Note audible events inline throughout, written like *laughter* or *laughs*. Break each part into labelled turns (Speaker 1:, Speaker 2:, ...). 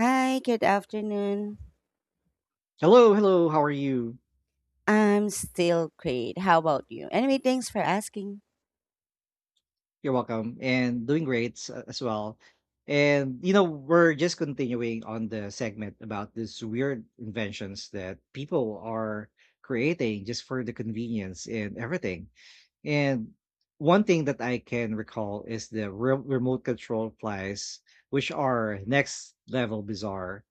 Speaker 1: Hi, good afternoon.
Speaker 2: Hello, hello. How are you?
Speaker 1: I'm still great. How about you? Anyway, thanks for asking.
Speaker 2: You're welcome. And doing great as well. And you know, we're just continuing on the segment about these weird inventions that people are creating just for the convenience and everything. And one thing that I can recall is the remote control flies, which are next level bizarre.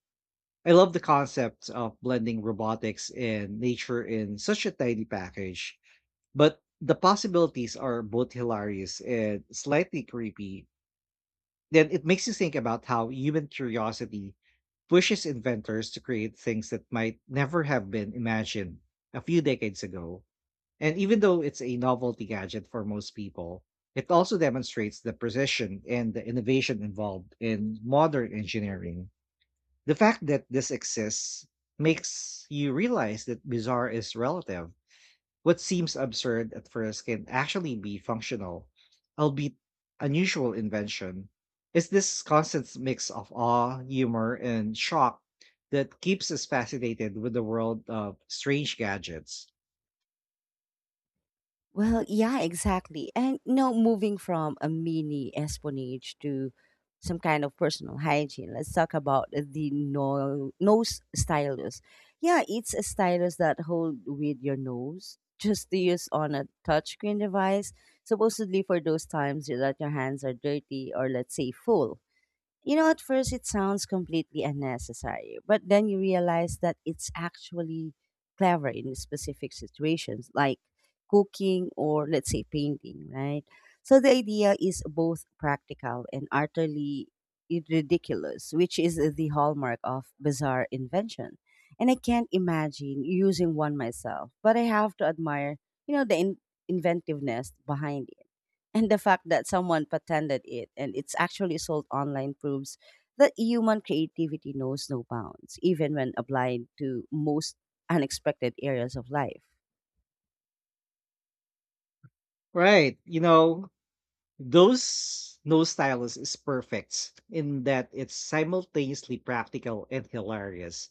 Speaker 2: I love the concept of blending robotics and nature in such a tiny package, but the possibilities are both hilarious and slightly creepy. Then it makes you think about how human curiosity pushes inventors to create things that might never have been imagined a few decades ago. And even though it's a novelty gadget for most people, it also demonstrates the precision and the innovation involved in modern engineering. The fact that this exists makes you realize that bizarre is relative. What seems absurd at first can actually be functional, albeit unusual invention. It's this constant mix of awe, humor, and shock that keeps us fascinated with the world of strange gadgets.
Speaker 1: Well, yeah, exactly. And no, moving from a mini espionage to some kind of personal hygiene, let's talk about the nose stylus. Yeah, it's a stylus that hold with your nose just to use on a touchscreen device, supposedly for those times that your hands are dirty or let's say full. You know, at first it sounds completely unnecessary, but then you realize that it's actually clever in specific situations like cooking or, let's say, painting, right? So the idea is both practical and utterly ridiculous, which is the hallmark of bizarre invention. And I can't imagine using one myself, but I have to admire, you know, the inventiveness behind it. And the fact that someone patented it and it's actually sold online proves that human creativity knows no bounds, even when applied to most unexpected areas of life.
Speaker 2: Right. You know, those nose stylus is perfect in that it's simultaneously practical and hilarious.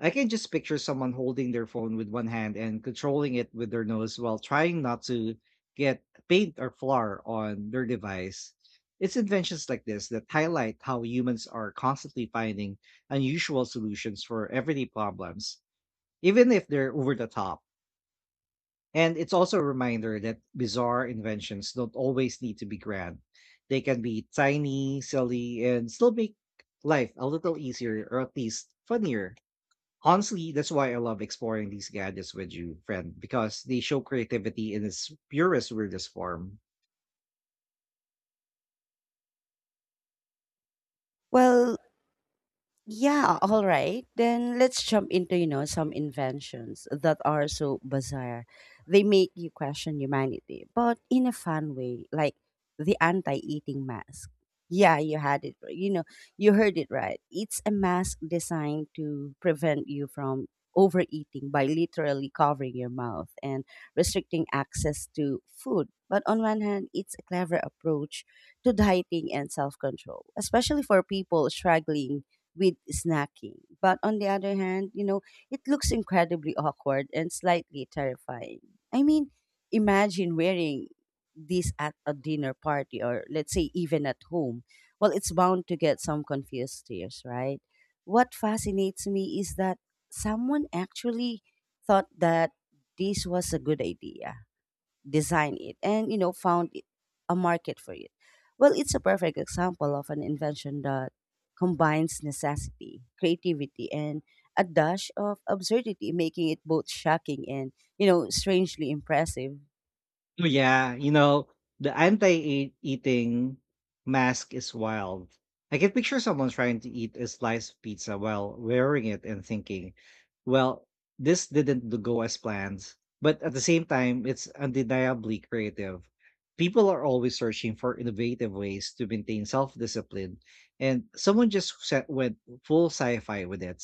Speaker 2: I can just picture someone holding their phone with one hand and controlling it with their nose while trying not to get paint or flour on their device. It's inventions like this that highlight how humans are constantly finding unusual solutions for everyday problems, even if they're over the top. And it's also a reminder that bizarre inventions don't always need to be grand. They can be tiny, silly, and still make life a little easier or at least funnier. Honestly, that's why I love exploring these gadgets with you, friend, because they show creativity in its purest, weirdest form.
Speaker 1: Well, yeah, all right. Then let's jump into, you know, some inventions that are so bizarre. They make you question humanity, but in a fun way, like the anti-eating mask. Yeah, you had it. Right. You know, you heard it right. It's a mask designed to prevent you from overeating by literally covering your mouth and restricting access to food. But on one hand, it's a clever approach to dieting and self-control, especially for people struggling with snacking. But on the other hand, you know, it looks incredibly awkward and slightly terrifying. I mean, imagine wearing this at a dinner party or let's say even at home. Well, it's bound to get some confused stares, right? What fascinates me is that someone actually thought that this was a good idea. Design it and you know found it, a market for it. Well, it's a perfect example of an invention that combines necessity, creativity, and a dash of absurdity, making it both shocking and, you know, strangely impressive.
Speaker 2: Oh, yeah, you know, the anti-eating mask is wild. I can picture someone trying to eat a slice of pizza while wearing it and thinking, well, this didn't go as planned. But at the same time, it's undeniably creative. People are always searching for innovative ways to maintain self-discipline, and someone just set, went full sci-fi with it.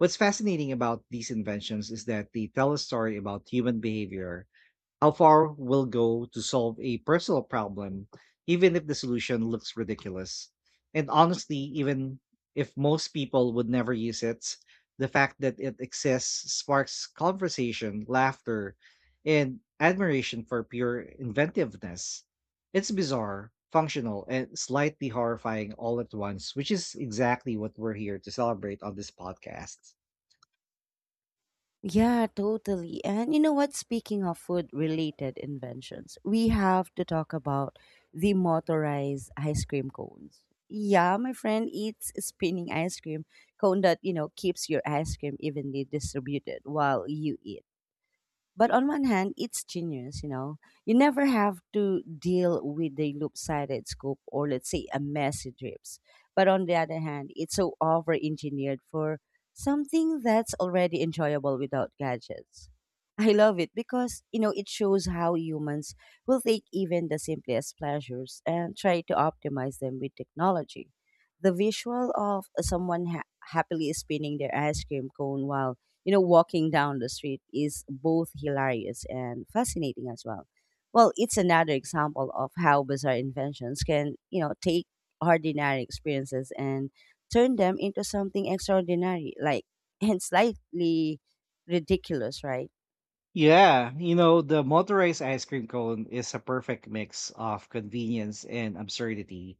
Speaker 2: What's fascinating about these inventions is that they tell a story about human behavior: how far will go to solve a personal problem, even if the solution looks ridiculous. And honestly, even if most people would never use it, the fact that it exists sparks conversation, laughter, and admiration for pure inventiveness. It's bizarre, functional, and slightly horrifying all at once, which is exactly what we're here to celebrate on this podcast.
Speaker 1: Yeah, totally. And you know what? Speaking of food related inventions, we have to talk about the motorized ice cream cones. Yeah, my friend eats a spinning ice cream cone that, you know, keeps your ice cream evenly distributed while you eat. But on one hand, it's genius, you know. You never have to deal with a loop-sided scoop or let's say a messy drips. But on the other hand, it's so over-engineered for something that's already enjoyable without gadgets. I love it because, you know, it shows how humans will take even the simplest pleasures and try to optimize them with technology. The visual of someone happily spinning their ice cream cone while, you know, walking down the street is both hilarious and fascinating as well. Well, it's another example of how bizarre inventions can, you know, take ordinary experiences and turn them into something extraordinary, like, *laughs* and slightly ridiculous, right?
Speaker 2: Yeah, you know, the motorized ice cream cone is a perfect mix of convenience and absurdity.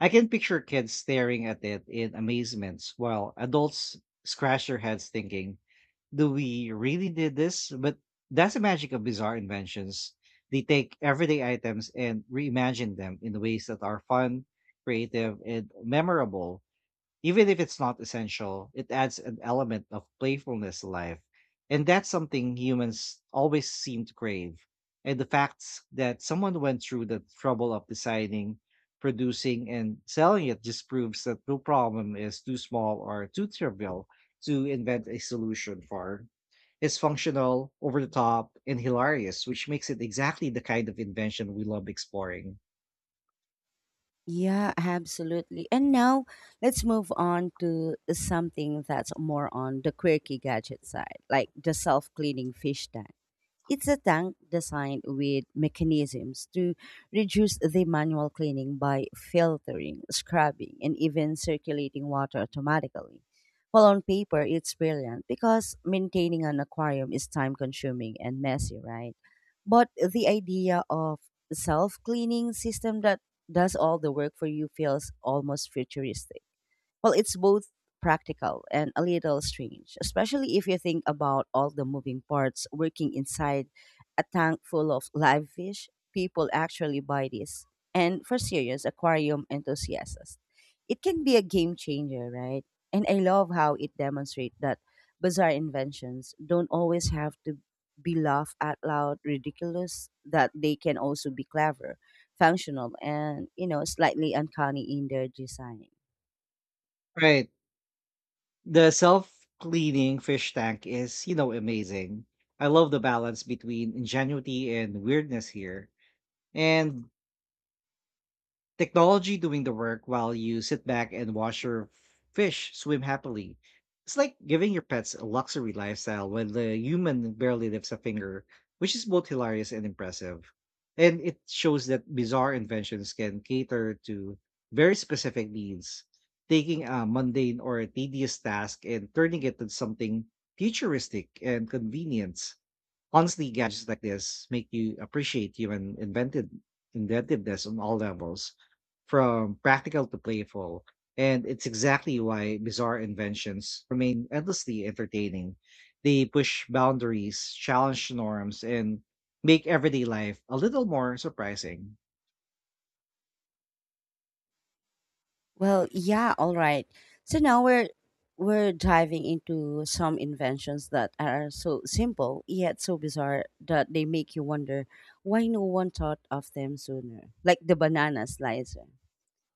Speaker 2: I can picture kids staring at it in amazement while adults scratch their heads thinking, do we really did this? But that's the magic of bizarre inventions. They take everyday items and reimagine them in ways that are fun, creative, and memorable. Even if it's not essential, it adds an element of playfulness to life. And that's something humans always seem to crave. And the fact that someone went through the trouble of designing, producing, and selling it just proves that no problem is too small or too trivial to invent a solution for. It's functional, over the top, and hilarious, which makes it exactly the kind of invention we love exploring.
Speaker 1: Yeah, absolutely. And now let's move on to something that's more on the quirky gadget side, like the self cleaning fish tank. It's a tank designed with mechanisms to reduce the manual cleaning by filtering, scrubbing, and even circulating water automatically. Well, on paper, it's brilliant because maintaining an aquarium is time consuming and messy, right? But the idea of self cleaning system that does all the work for you feels almost futuristic. Well, it's both practical and a little strange, especially if you think about all the moving parts working inside a tank full of live fish. People actually buy this. And for serious aquarium enthusiasts, it can be a game changer, right? And I love how it demonstrates that bizarre inventions don't always have to be laughed out loud ridiculous, that they can also be clever, functional, and, you know, slightly uncanny in their design.
Speaker 2: Right. The self-cleaning fish tank is, you know, amazing. I love the balance between ingenuity and weirdness here. And technology doing the work while you sit back and watch your fish swim happily. It's like giving your pets a luxury lifestyle when the human barely lifts a finger, which is both hilarious and impressive. And it shows that bizarre inventions can cater to very specific needs, taking a mundane or a tedious task and turning it into something futuristic and convenient. Honestly, gadgets like this make you appreciate human invented inventiveness on all levels, from practical to playful. And it's exactly why bizarre inventions remain endlessly entertaining. They push boundaries, challenge norms, and make everyday life a little more surprising.
Speaker 1: Well, yeah, all right. So now we're diving into some inventions that are so simple yet so bizarre that they make you wonder why no one thought of them sooner. Like the banana slicer.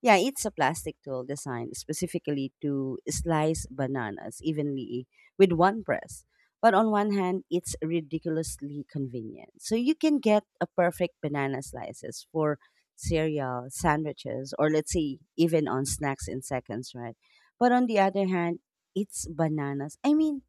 Speaker 1: Yeah, it's a plastic tool designed specifically to slice bananas evenly with one press. But on one hand, it's ridiculously convenient. So you can get a perfect banana slices for cereal, sandwiches, or let's say even on snacks in seconds, right? But on the other hand, it's bananas. I mean,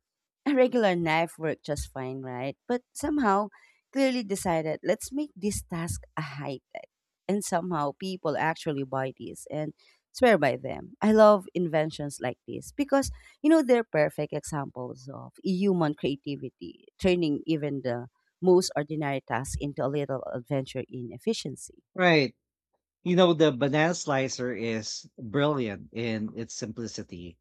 Speaker 1: a regular knife worked just fine, right? But somehow, clearly decided, let's make this task a high tech, and somehow people actually buy these and swear by them. I love inventions like this because, you know, they're perfect examples of human creativity, turning even the most ordinary task into a little adventure in efficiency.
Speaker 2: Right. You know, the banana slicer is brilliant in its simplicity.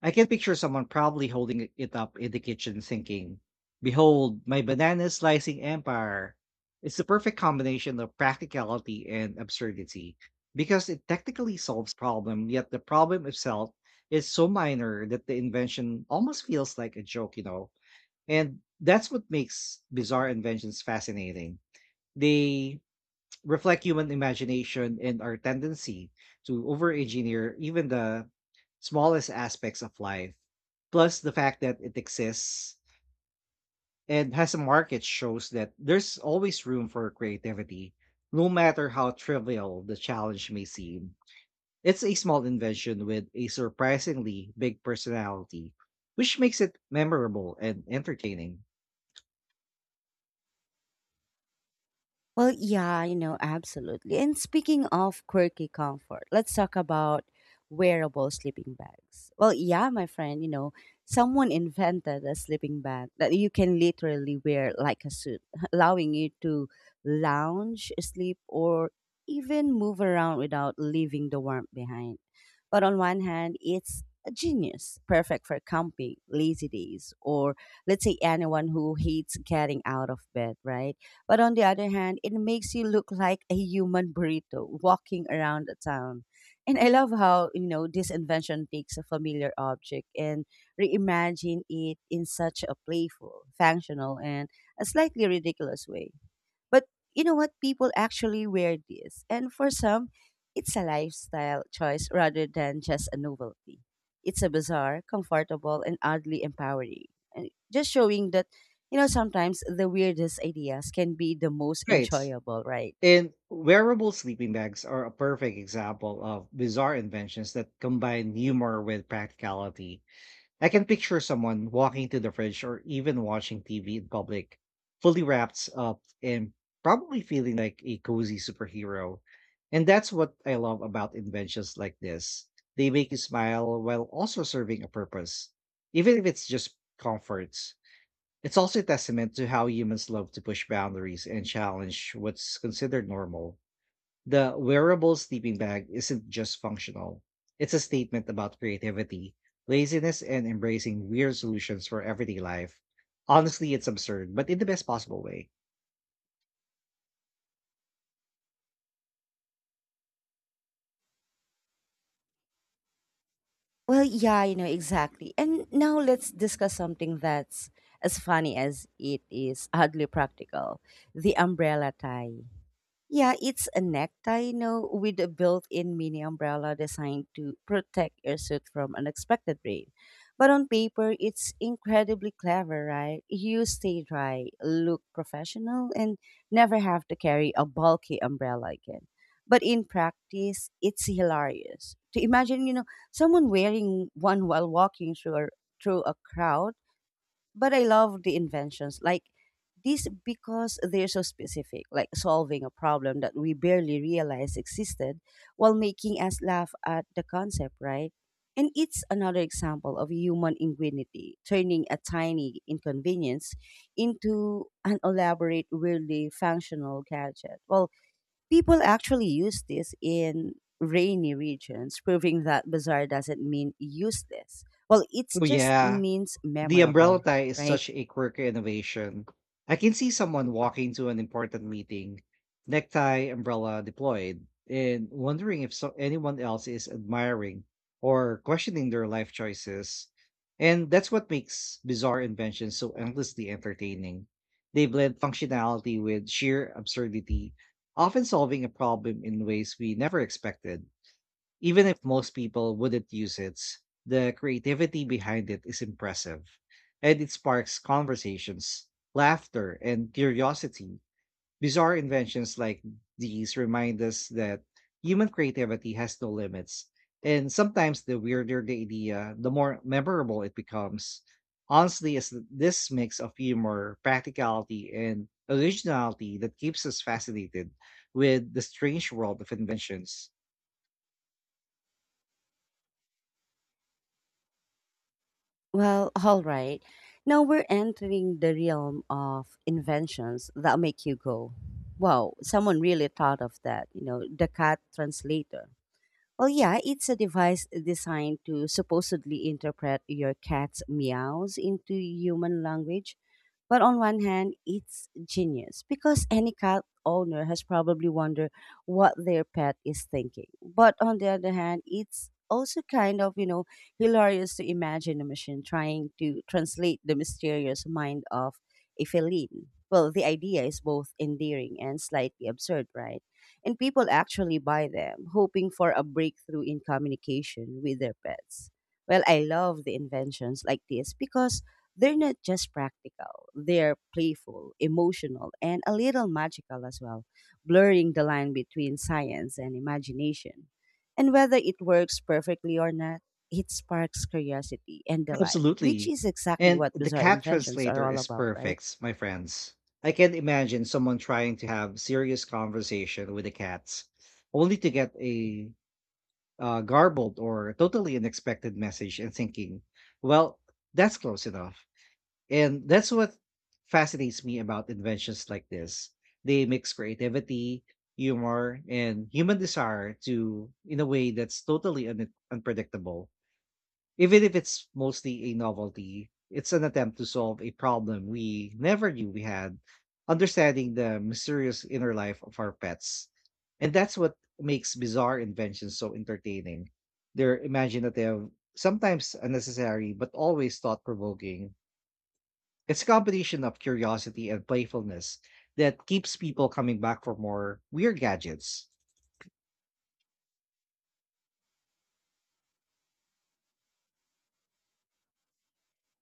Speaker 2: I can picture someone proudly holding it up in the kitchen thinking, behold, my banana slicing empire. It's the perfect combination of practicality and absurdity because it technically solves problem, yet the problem itself is so minor that the invention almost feels like a joke, you know. And that's what makes bizarre inventions fascinating. They reflect human imagination and our tendency to over-engineer even the smallest aspects of life. Plus, the fact that it exists and has a market shows that there's always room for creativity, no matter how trivial the challenge may seem. It's a small invention with a surprisingly big personality, which makes it memorable and entertaining.
Speaker 1: Well, yeah, you know, absolutely. And speaking of quirky comfort, let's talk about wearable sleeping bags. Well, yeah, my friend, you know, someone invented a sleeping bag that you can literally wear like a suit, *laughs* allowing you to lounge, sleep, or even move around without leaving the warmth behind. But on one hand, it's a genius, perfect for camping, lazy days, or let's say anyone who hates getting out of bed, right? But on the other hand, it makes you look like a human burrito walking around the town. And I love how, you know, this invention takes a familiar object and reimagine it in such a playful, functional, and a slightly ridiculous way. But, you know what? People actually wear this. And for some, it's a lifestyle choice rather than just a novelty. It's a bizarre, comfortable, and oddly empowering. And just showing that, you know, sometimes the weirdest ideas can be the most
Speaker 2: Right.
Speaker 1: enjoyable, right?
Speaker 2: And wearable sleeping bags are a perfect example of bizarre inventions that combine humor with practicality. I can picture someone walking to the fridge or even watching TV in public, fully wrapped up and probably feeling like a cozy superhero. And that's what I love about inventions like this. They make you smile while also serving a purpose, even if it's just comforts. It's also a testament to how humans love to push boundaries and challenge what's considered normal. The wearable sleeping bag isn't just functional, it's a statement about creativity, laziness, and embracing weird solutions for everyday life. Honestly, it's absurd, but in the best possible way.
Speaker 1: Well, yeah, you know, exactly. And now let's discuss something that's as funny as it is oddly practical, the umbrella tie. Yeah, it's a necktie, you know, with a built-in mini umbrella designed to protect your suit from unexpected rain. But on paper, it's incredibly clever, right? You stay dry, look professional, and never have to carry a bulky umbrella again. But in practice, it's hilarious. To imagine, you know, someone wearing one while walking through a crowd. But I love the inventions like this because they're so specific, like solving a problem that we barely realized existed while making us laugh at the concept, right? And it's another example of human ingenuity, turning a tiny inconvenience into an elaborate, weirdly functional gadget. Well, people actually use this in rainy regions, proving that bizarre doesn't mean useless. Well, it
Speaker 2: Oh,
Speaker 1: just
Speaker 2: yeah.
Speaker 1: means
Speaker 2: The
Speaker 1: memorable,
Speaker 2: umbrella tie is
Speaker 1: right?
Speaker 2: such a quirky innovation. I can see someone walking to an important meeting, necktie, umbrella deployed, and wondering if anyone else is admiring or questioning their life choices. And that's what makes bizarre inventions so endlessly entertaining. They blend functionality with sheer absurdity, often solving a problem in ways we never expected. Even if most people wouldn't use it, the creativity behind it is impressive. And it sparks conversations, laughter, and curiosity. Bizarre inventions like these remind us that human creativity has no limits. And sometimes the weirder the idea, the more memorable it becomes. Honestly, it's this mix of humor, practicality, and originality that keeps us fascinated with the strange world of inventions.
Speaker 1: Well, *laughs* all right. Now we're entering the realm of inventions that make you go, wow, someone really thought of that, you know, the cat translator. Well, yeah, it's a device designed to supposedly interpret your cat's meows into human language. But on one hand, it's genius because any cat owner has probably wondered what their pet is thinking. But on the other hand, it's also kind of, you know, hilarious to imagine a machine trying to translate the mysterious mind of a feline. Well, the idea is both endearing and slightly absurd, right? And people actually buy them, hoping for a breakthrough in communication with their pets. Well, I love the inventions like this because they're not just practical, they're playful, emotional, and a little magical as well, blurring the line between science and imagination. And whether it works perfectly or not, it sparks curiosity and delight, which
Speaker 2: Absolutely.
Speaker 1: is exactly
Speaker 2: And
Speaker 1: what
Speaker 2: the
Speaker 1: bizarre
Speaker 2: cat
Speaker 1: inventions are
Speaker 2: translator
Speaker 1: all
Speaker 2: is
Speaker 1: about, right?
Speaker 2: perfect, my friends. I can imagine someone trying to have serious conversation with the cats, only to get a garbled or totally unexpected message and thinking, well, that's close enough. And that's what fascinates me about inventions like this. They mix creativity, humor, and human desire to in a way that's totally unpredictable. Even if it's mostly a novelty, it's an attempt to solve a problem we never knew we had, understanding the mysterious inner life of our pets. And that's what makes bizarre inventions so entertaining. They're imaginative, sometimes unnecessary, but always thought provoking. It's a combination of curiosity and playfulness that keeps people coming back for more weird gadgets.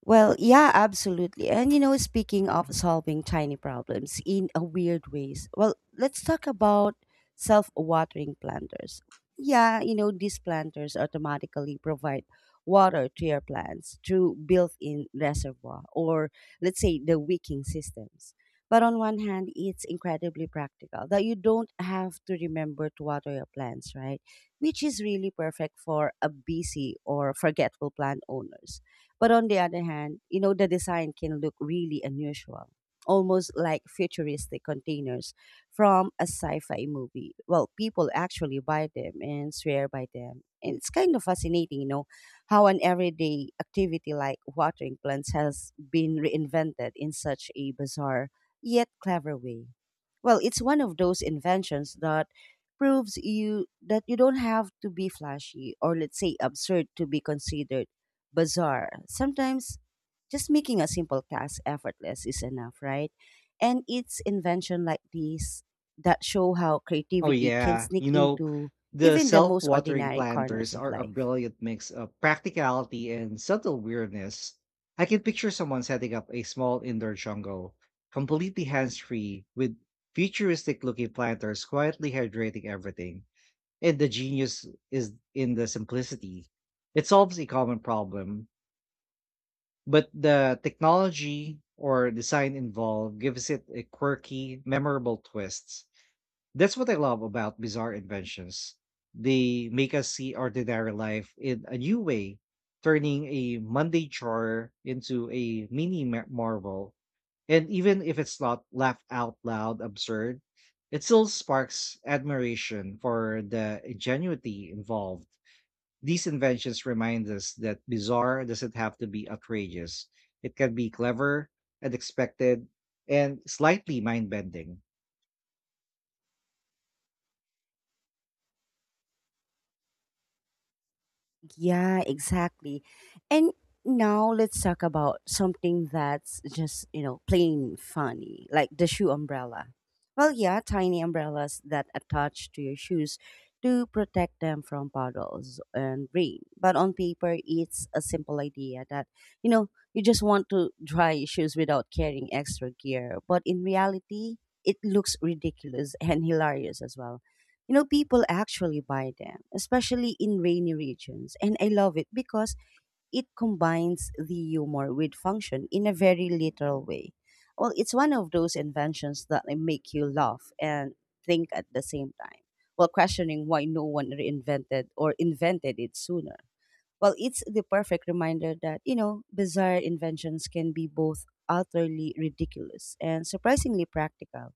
Speaker 1: Well, yeah, absolutely. And you know, speaking of solving tiny problems in a weird ways, well, let's talk about self-watering planters. Yeah, you know, these planters automatically provide water to your plants through built-in reservoir or let's say the wicking systems. But on one hand, it's incredibly practical that you don't have to remember to water your plants, right? Which is really perfect for a busy or forgetful plant owners. But on the other hand, you know, the design can look really unusual, almost like futuristic containers from a sci fi movie. Well, people actually buy them and swear by them. And it's kind of fascinating, you know, how an everyday activity like watering plants has been reinvented in such a bizarre yet clever way. Well, it's one of those inventions that proves you that you don't have to be flashy or let's say absurd to be considered bizarre. Sometimes just making a simple task effortless is enough, right? And it's invention like these that show how
Speaker 2: Oh
Speaker 1: creativity can
Speaker 2: yeah,
Speaker 1: sneak
Speaker 2: you know,
Speaker 1: into
Speaker 2: the
Speaker 1: even the most
Speaker 2: self-watering
Speaker 1: ordinary corners
Speaker 2: planters
Speaker 1: of
Speaker 2: are a
Speaker 1: life.
Speaker 2: brilliant mix of practicality and subtle weirdness. I can picture someone setting up a small indoor jungle, completely hands-free, with futuristic-looking planters quietly hydrating everything. And the genius is in the simplicity. It solves a common problem, but the technology or design involved gives it a quirky, memorable twist. That's what I love about bizarre inventions. They make us see ordinary life in a new way, turning a Monday chore into a marvel. And even if it's not laugh out loud absurd, it still sparks admiration for the ingenuity involved. These inventions remind us that bizarre doesn't have to be outrageous. It can be clever, unexpected, and slightly mind bending.
Speaker 1: Yeah, exactly. And now let's talk about something that's just, you know, plain funny, like the shoe umbrella. Well, yeah, tiny umbrellas that attach to your shoes to protect them from puddles and rain. But on paper, it's a simple idea that, you know, you just want to dry your shoes without carrying extra gear. But in reality, it looks ridiculous *laughs* and hilarious as well. You know, people actually buy them, especially in rainy regions, and I love it because it combines the humor with function in a very literal way. Well, it's one of those inventions that, like, make you laugh and think at the same time, while questioning why no one reinvented or invented it sooner. Well, it's the perfect reminder that, you know, bizarre inventions can be both utterly ridiculous and surprisingly practical,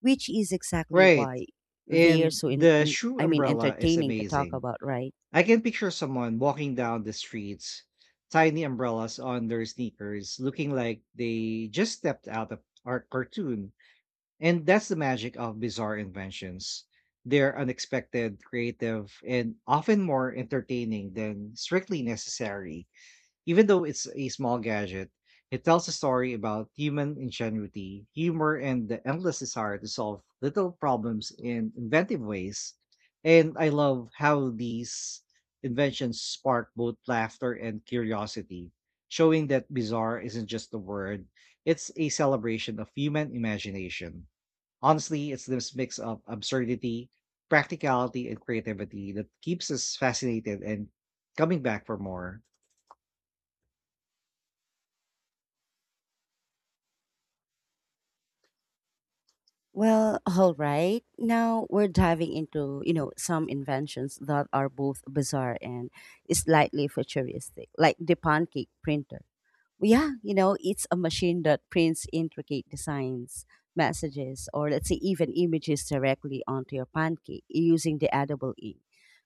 Speaker 1: which is exactly
Speaker 2: Right.
Speaker 1: why they're
Speaker 2: And
Speaker 1: so
Speaker 2: the
Speaker 1: in
Speaker 2: shoe
Speaker 1: I mean
Speaker 2: umbrella is
Speaker 1: entertaining to talk
Speaker 2: amazing.
Speaker 1: about, right?
Speaker 2: I can picture someone walking down the streets, tiny umbrellas on their sneakers, looking like they just stepped out of our cartoon. And that's the magic of bizarre inventions. They're unexpected, creative, and often more entertaining than strictly necessary. Even though it's a small gadget, it tells a story about human ingenuity, humor, and the endless desire to solve little problems in inventive ways. And I love how these inventions spark both laughter and curiosity, showing that bizarre isn't just a word, it's a celebration of human imagination. Honestly, it's this mix of absurdity, practicality, and creativity that keeps us fascinated and coming back for more.
Speaker 1: Well, *laughs* all right. Now we're diving into, you know, some inventions that are both bizarre and slightly futuristic, like the pancake printer. Well, yeah, you know, it's a machine that prints intricate designs, messages, or, let's say, even images directly onto your pancake using the edible ink.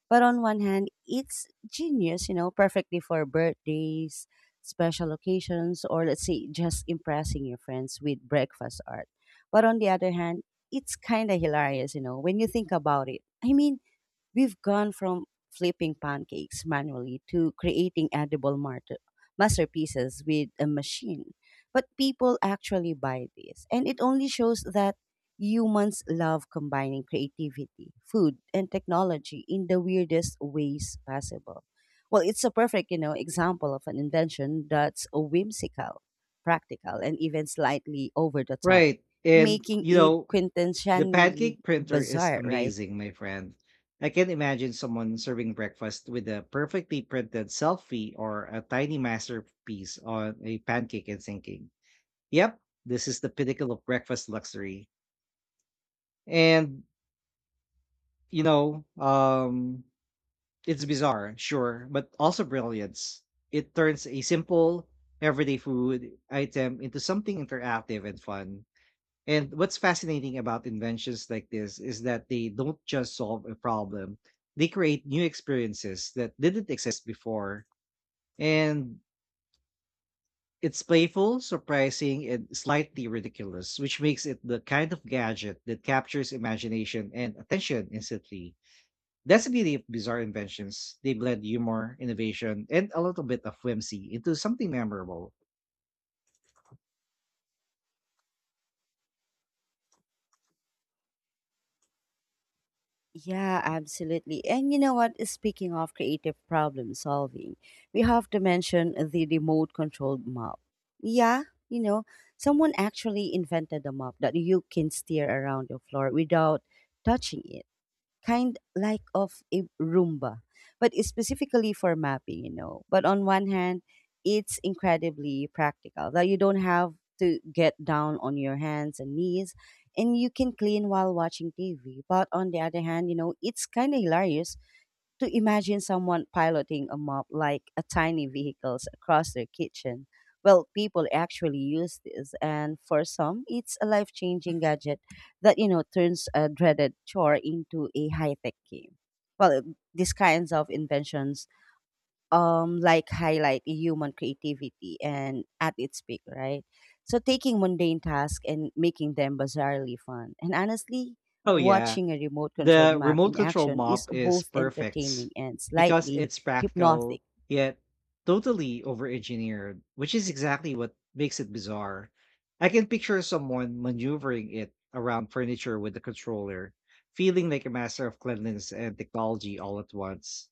Speaker 1: But on one hand, it's genius, you know, perfectly for birthdays, special occasions, or, let's say, just impressing your friends with breakfast art. But on the other hand, it's kind of hilarious, you know, when you think about it. I mean, we've gone from flipping pancakes manually to creating edible masterpieces with a machine. But people actually buy this, and it only shows that humans love combining creativity, food, and technology in the weirdest ways possible. Well, it's a perfect, you know, example of an invention that's whimsical, practical, and even slightly over the top,
Speaker 2: Right. And
Speaker 1: making
Speaker 2: you
Speaker 1: it
Speaker 2: know, the
Speaker 1: quintessentially
Speaker 2: pancake printer is
Speaker 1: bizarre, right?
Speaker 2: amazing, my friend. I can imagine someone serving breakfast with a perfectly printed selfie or a tiny masterpiece on a pancake and thinking, yep, this is the pinnacle of breakfast luxury. And you know, um, it's bizarre, sure, but also brilliance. It turns a simple everyday food item into something interactive and fun. And what's fascinating about inventions like this is that they don't just solve a problem, they create new experiences that didn't exist before. And it's playful, surprising, and slightly ridiculous, which makes it the kind of gadget that captures imagination and attention instantly. That's the beauty of bizarre inventions. They blend humor, innovation, and a little bit of whimsy into something memorable.
Speaker 1: Yeah, absolutely. And you know what? Speaking of creative problem solving, we have to mention the remote controlled map. Yeah, you know, someone actually invented a map that you can steer around your floor without touching it, kind like of a Roomba, but it's specifically for mapping, you know. But on one hand, it's incredibly practical that you don't have to get down on your hands and knees, and you can clean while watching TV. But on the other hand, you know, it's kind of hilarious to imagine someone piloting a mob like a tiny vehicles across their kitchen. Well, people actually use this, and for some, it's a life-changing gadget that, you know, turns a dreaded chore into a high-tech game. Well, these kinds of inventions like highlight human creativity and at its peak, right? So taking mundane tasks and making them bizarrely fun. And honestly,
Speaker 2: Oh, yeah.
Speaker 1: watching a remote controlled
Speaker 2: The
Speaker 1: map
Speaker 2: remote
Speaker 1: in
Speaker 2: control
Speaker 1: action is
Speaker 2: mop is
Speaker 1: both
Speaker 2: perfect
Speaker 1: entertaining and
Speaker 2: because
Speaker 1: slightly
Speaker 2: it's practical
Speaker 1: hypnotic.
Speaker 2: yet totally over-engineered, which is exactly what makes it bizarre. I can picture someone maneuvering it around furniture with the controller, feeling like a master of cleanliness and technology all at once.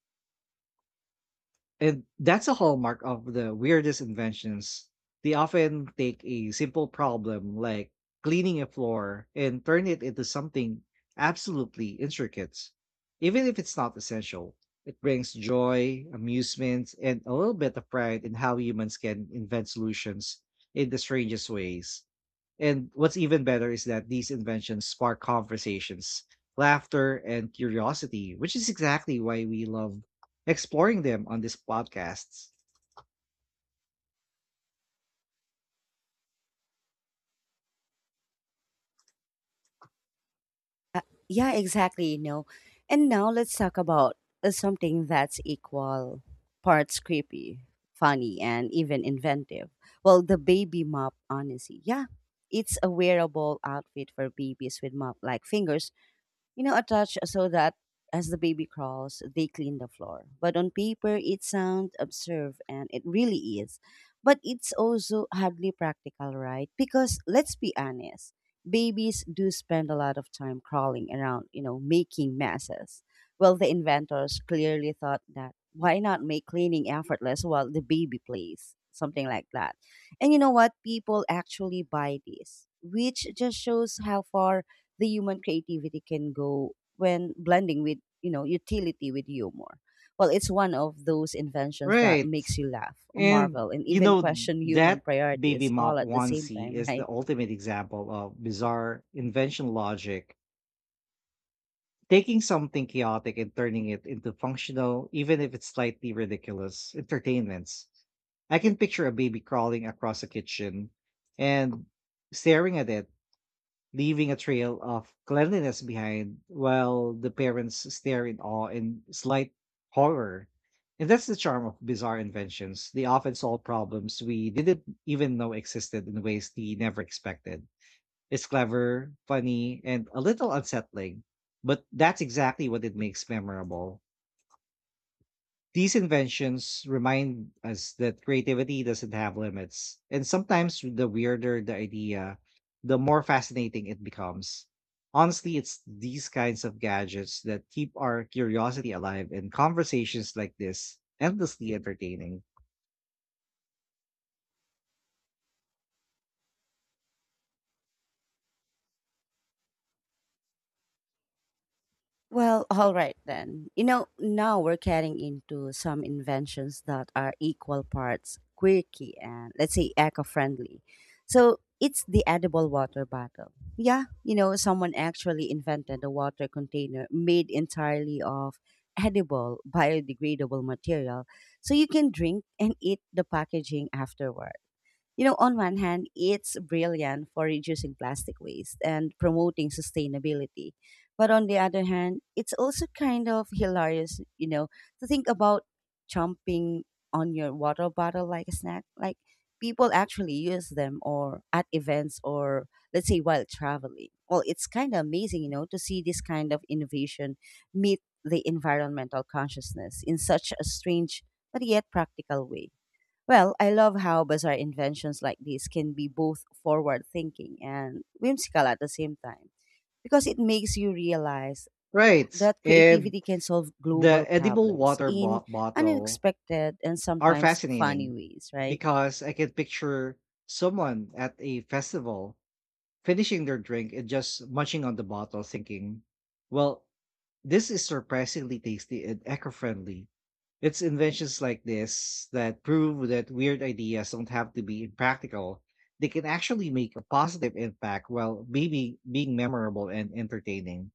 Speaker 2: And that's a hallmark of the weirdest inventions. They often take a simple problem like cleaning a floor and turn it into something absolutely intricate. Even if it's not essential, it brings joy, amusement, and a little bit of pride in how humans can invent solutions in the strangest ways. And what's even better is that these inventions spark conversations, laughter, and curiosity, which is exactly why we love exploring them on these podcasts.
Speaker 1: Yeah, exactly, you know. And now let's talk about something that's equal parts creepy, funny, and even inventive. Well, the baby mop, honestly. Yeah, it's a wearable outfit for babies with mop like fingers, you know, attached so that as the baby crawls, they clean the floor. But on paper, it sounds absurd, and it really is. But it's also hardly practical, right? Because let's be honest, babies do spend a lot of time crawling around, you know, making messes. Well, the inventors clearly thought that why not make cleaning effortless while the baby plays? Something like that. And you know what? People actually buy this, which just shows how far the human creativity can go when blending with, you know, utility with humor. Well, it's one of those inventions that
Speaker 2: Right.
Speaker 1: makes you laugh,
Speaker 2: And,
Speaker 1: marvel, and
Speaker 2: you
Speaker 1: even
Speaker 2: know,
Speaker 1: question human
Speaker 2: that baby
Speaker 1: priorities all
Speaker 2: mop
Speaker 1: at the same
Speaker 2: onesie
Speaker 1: time, *laughs*
Speaker 2: is the
Speaker 1: right?
Speaker 2: ultimate example of bizarre invention logic, taking something chaotic and turning it into functional, even if it's slightly ridiculous, entertainments. I can picture a baby crawling across a kitchen and staring at it leaving a trail of cleanliness behind while the parents stare in awe and slight horror. And that's the charm of bizarre inventions. They often solve problems we didn't even know existed in ways we never expected. It's clever, funny, and a little unsettling, but that's exactly what it makes memorable. These inventions remind us that creativity doesn't have limits, and sometimes the weirder the idea, the more fascinating it becomes. Honestly, it's these kinds of gadgets that keep our curiosity alive and conversations like this endlessly entertaining.
Speaker 1: Well, *laughs* all right then. You know, now we're getting into some inventions that are equal parts quirky and, let's say, eco-friendly. So it's the edible water bottle. Yeah, you know, someone actually invented a water container made entirely of edible, biodegradable material, so you can drink and eat the packaging afterward. You know, on one hand, it's brilliant for reducing plastic waste and promoting sustainability. But on the other hand, it's also kind of hilarious, you know, to think about chomping on your water bottle like a snack. Like, people actually use them or at events or, let's say, while traveling. Well, it's kind of amazing, you know, to see this kind of innovation meet the environmental consciousness in such a strange but yet practical way. Well, I love how bizarre inventions like this can be both forward thinking and whimsical at the same time, because it makes you realize
Speaker 2: Right.
Speaker 1: that
Speaker 2: And
Speaker 1: creativity can solve global
Speaker 2: the edible
Speaker 1: problems
Speaker 2: water
Speaker 1: in
Speaker 2: bo- bottle
Speaker 1: unexpected and
Speaker 2: are
Speaker 1: sometimes funny
Speaker 2: fascinating
Speaker 1: ways, right?
Speaker 2: because I can picture someone at a festival finishing their drink and just munching on the bottle, thinking, well, this is surprisingly tasty and eco friendly. It's inventions like this that prove that weird ideas don't have to be impractical. They can actually make a positive impact while maybe being memorable and entertaining.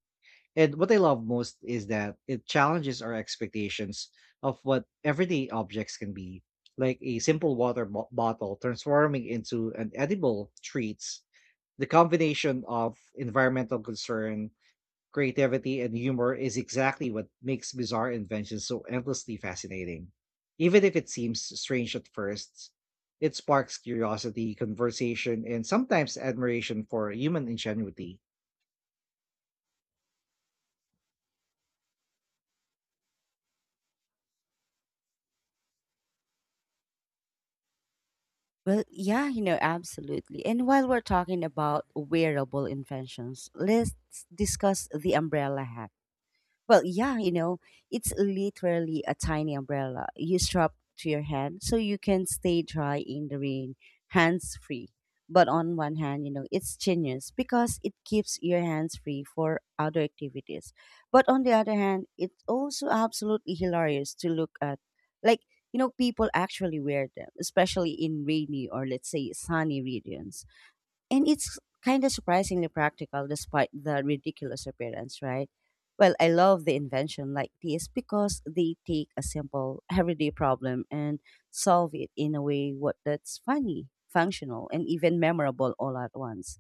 Speaker 2: And what I love most is that it challenges our expectations of what everyday objects can be, like a simple water bottle transforming into an edible treats, the combination of environmental concern, creativity, and humor is exactly what makes bizarre inventions so endlessly fascinating. Even if it seems strange at first, it sparks curiosity, conversation, and sometimes admiration for human ingenuity.
Speaker 1: Well, yeah, you know, absolutely. And while we're talking about wearable inventions, let's discuss the umbrella hat. Well, yeah, you know, it's literally a tiny umbrella you strap to your head so you can stay dry in the rain, hands free. But on one hand, you know, it's genius because it keeps your hands free for other activities. But on the other hand, it's also absolutely hilarious to look at. Like, you know, people actually wear them, especially in rainy or, let's say, sunny regions, and it's kind of surprisingly practical despite the ridiculous appearance, right? Well, I love the invention like this because they take a simple everyday problem and solve it in a way what that's funny, functional, and even memorable all at once.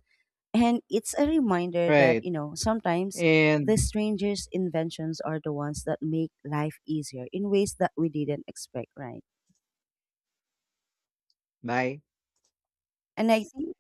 Speaker 1: And it's a reminder that,
Speaker 2: Right.
Speaker 1: you know, sometimes the
Speaker 2: And
Speaker 1: strangest inventions are the ones that make life easier in ways that we didn't expect, right?
Speaker 2: bye.
Speaker 1: And I think,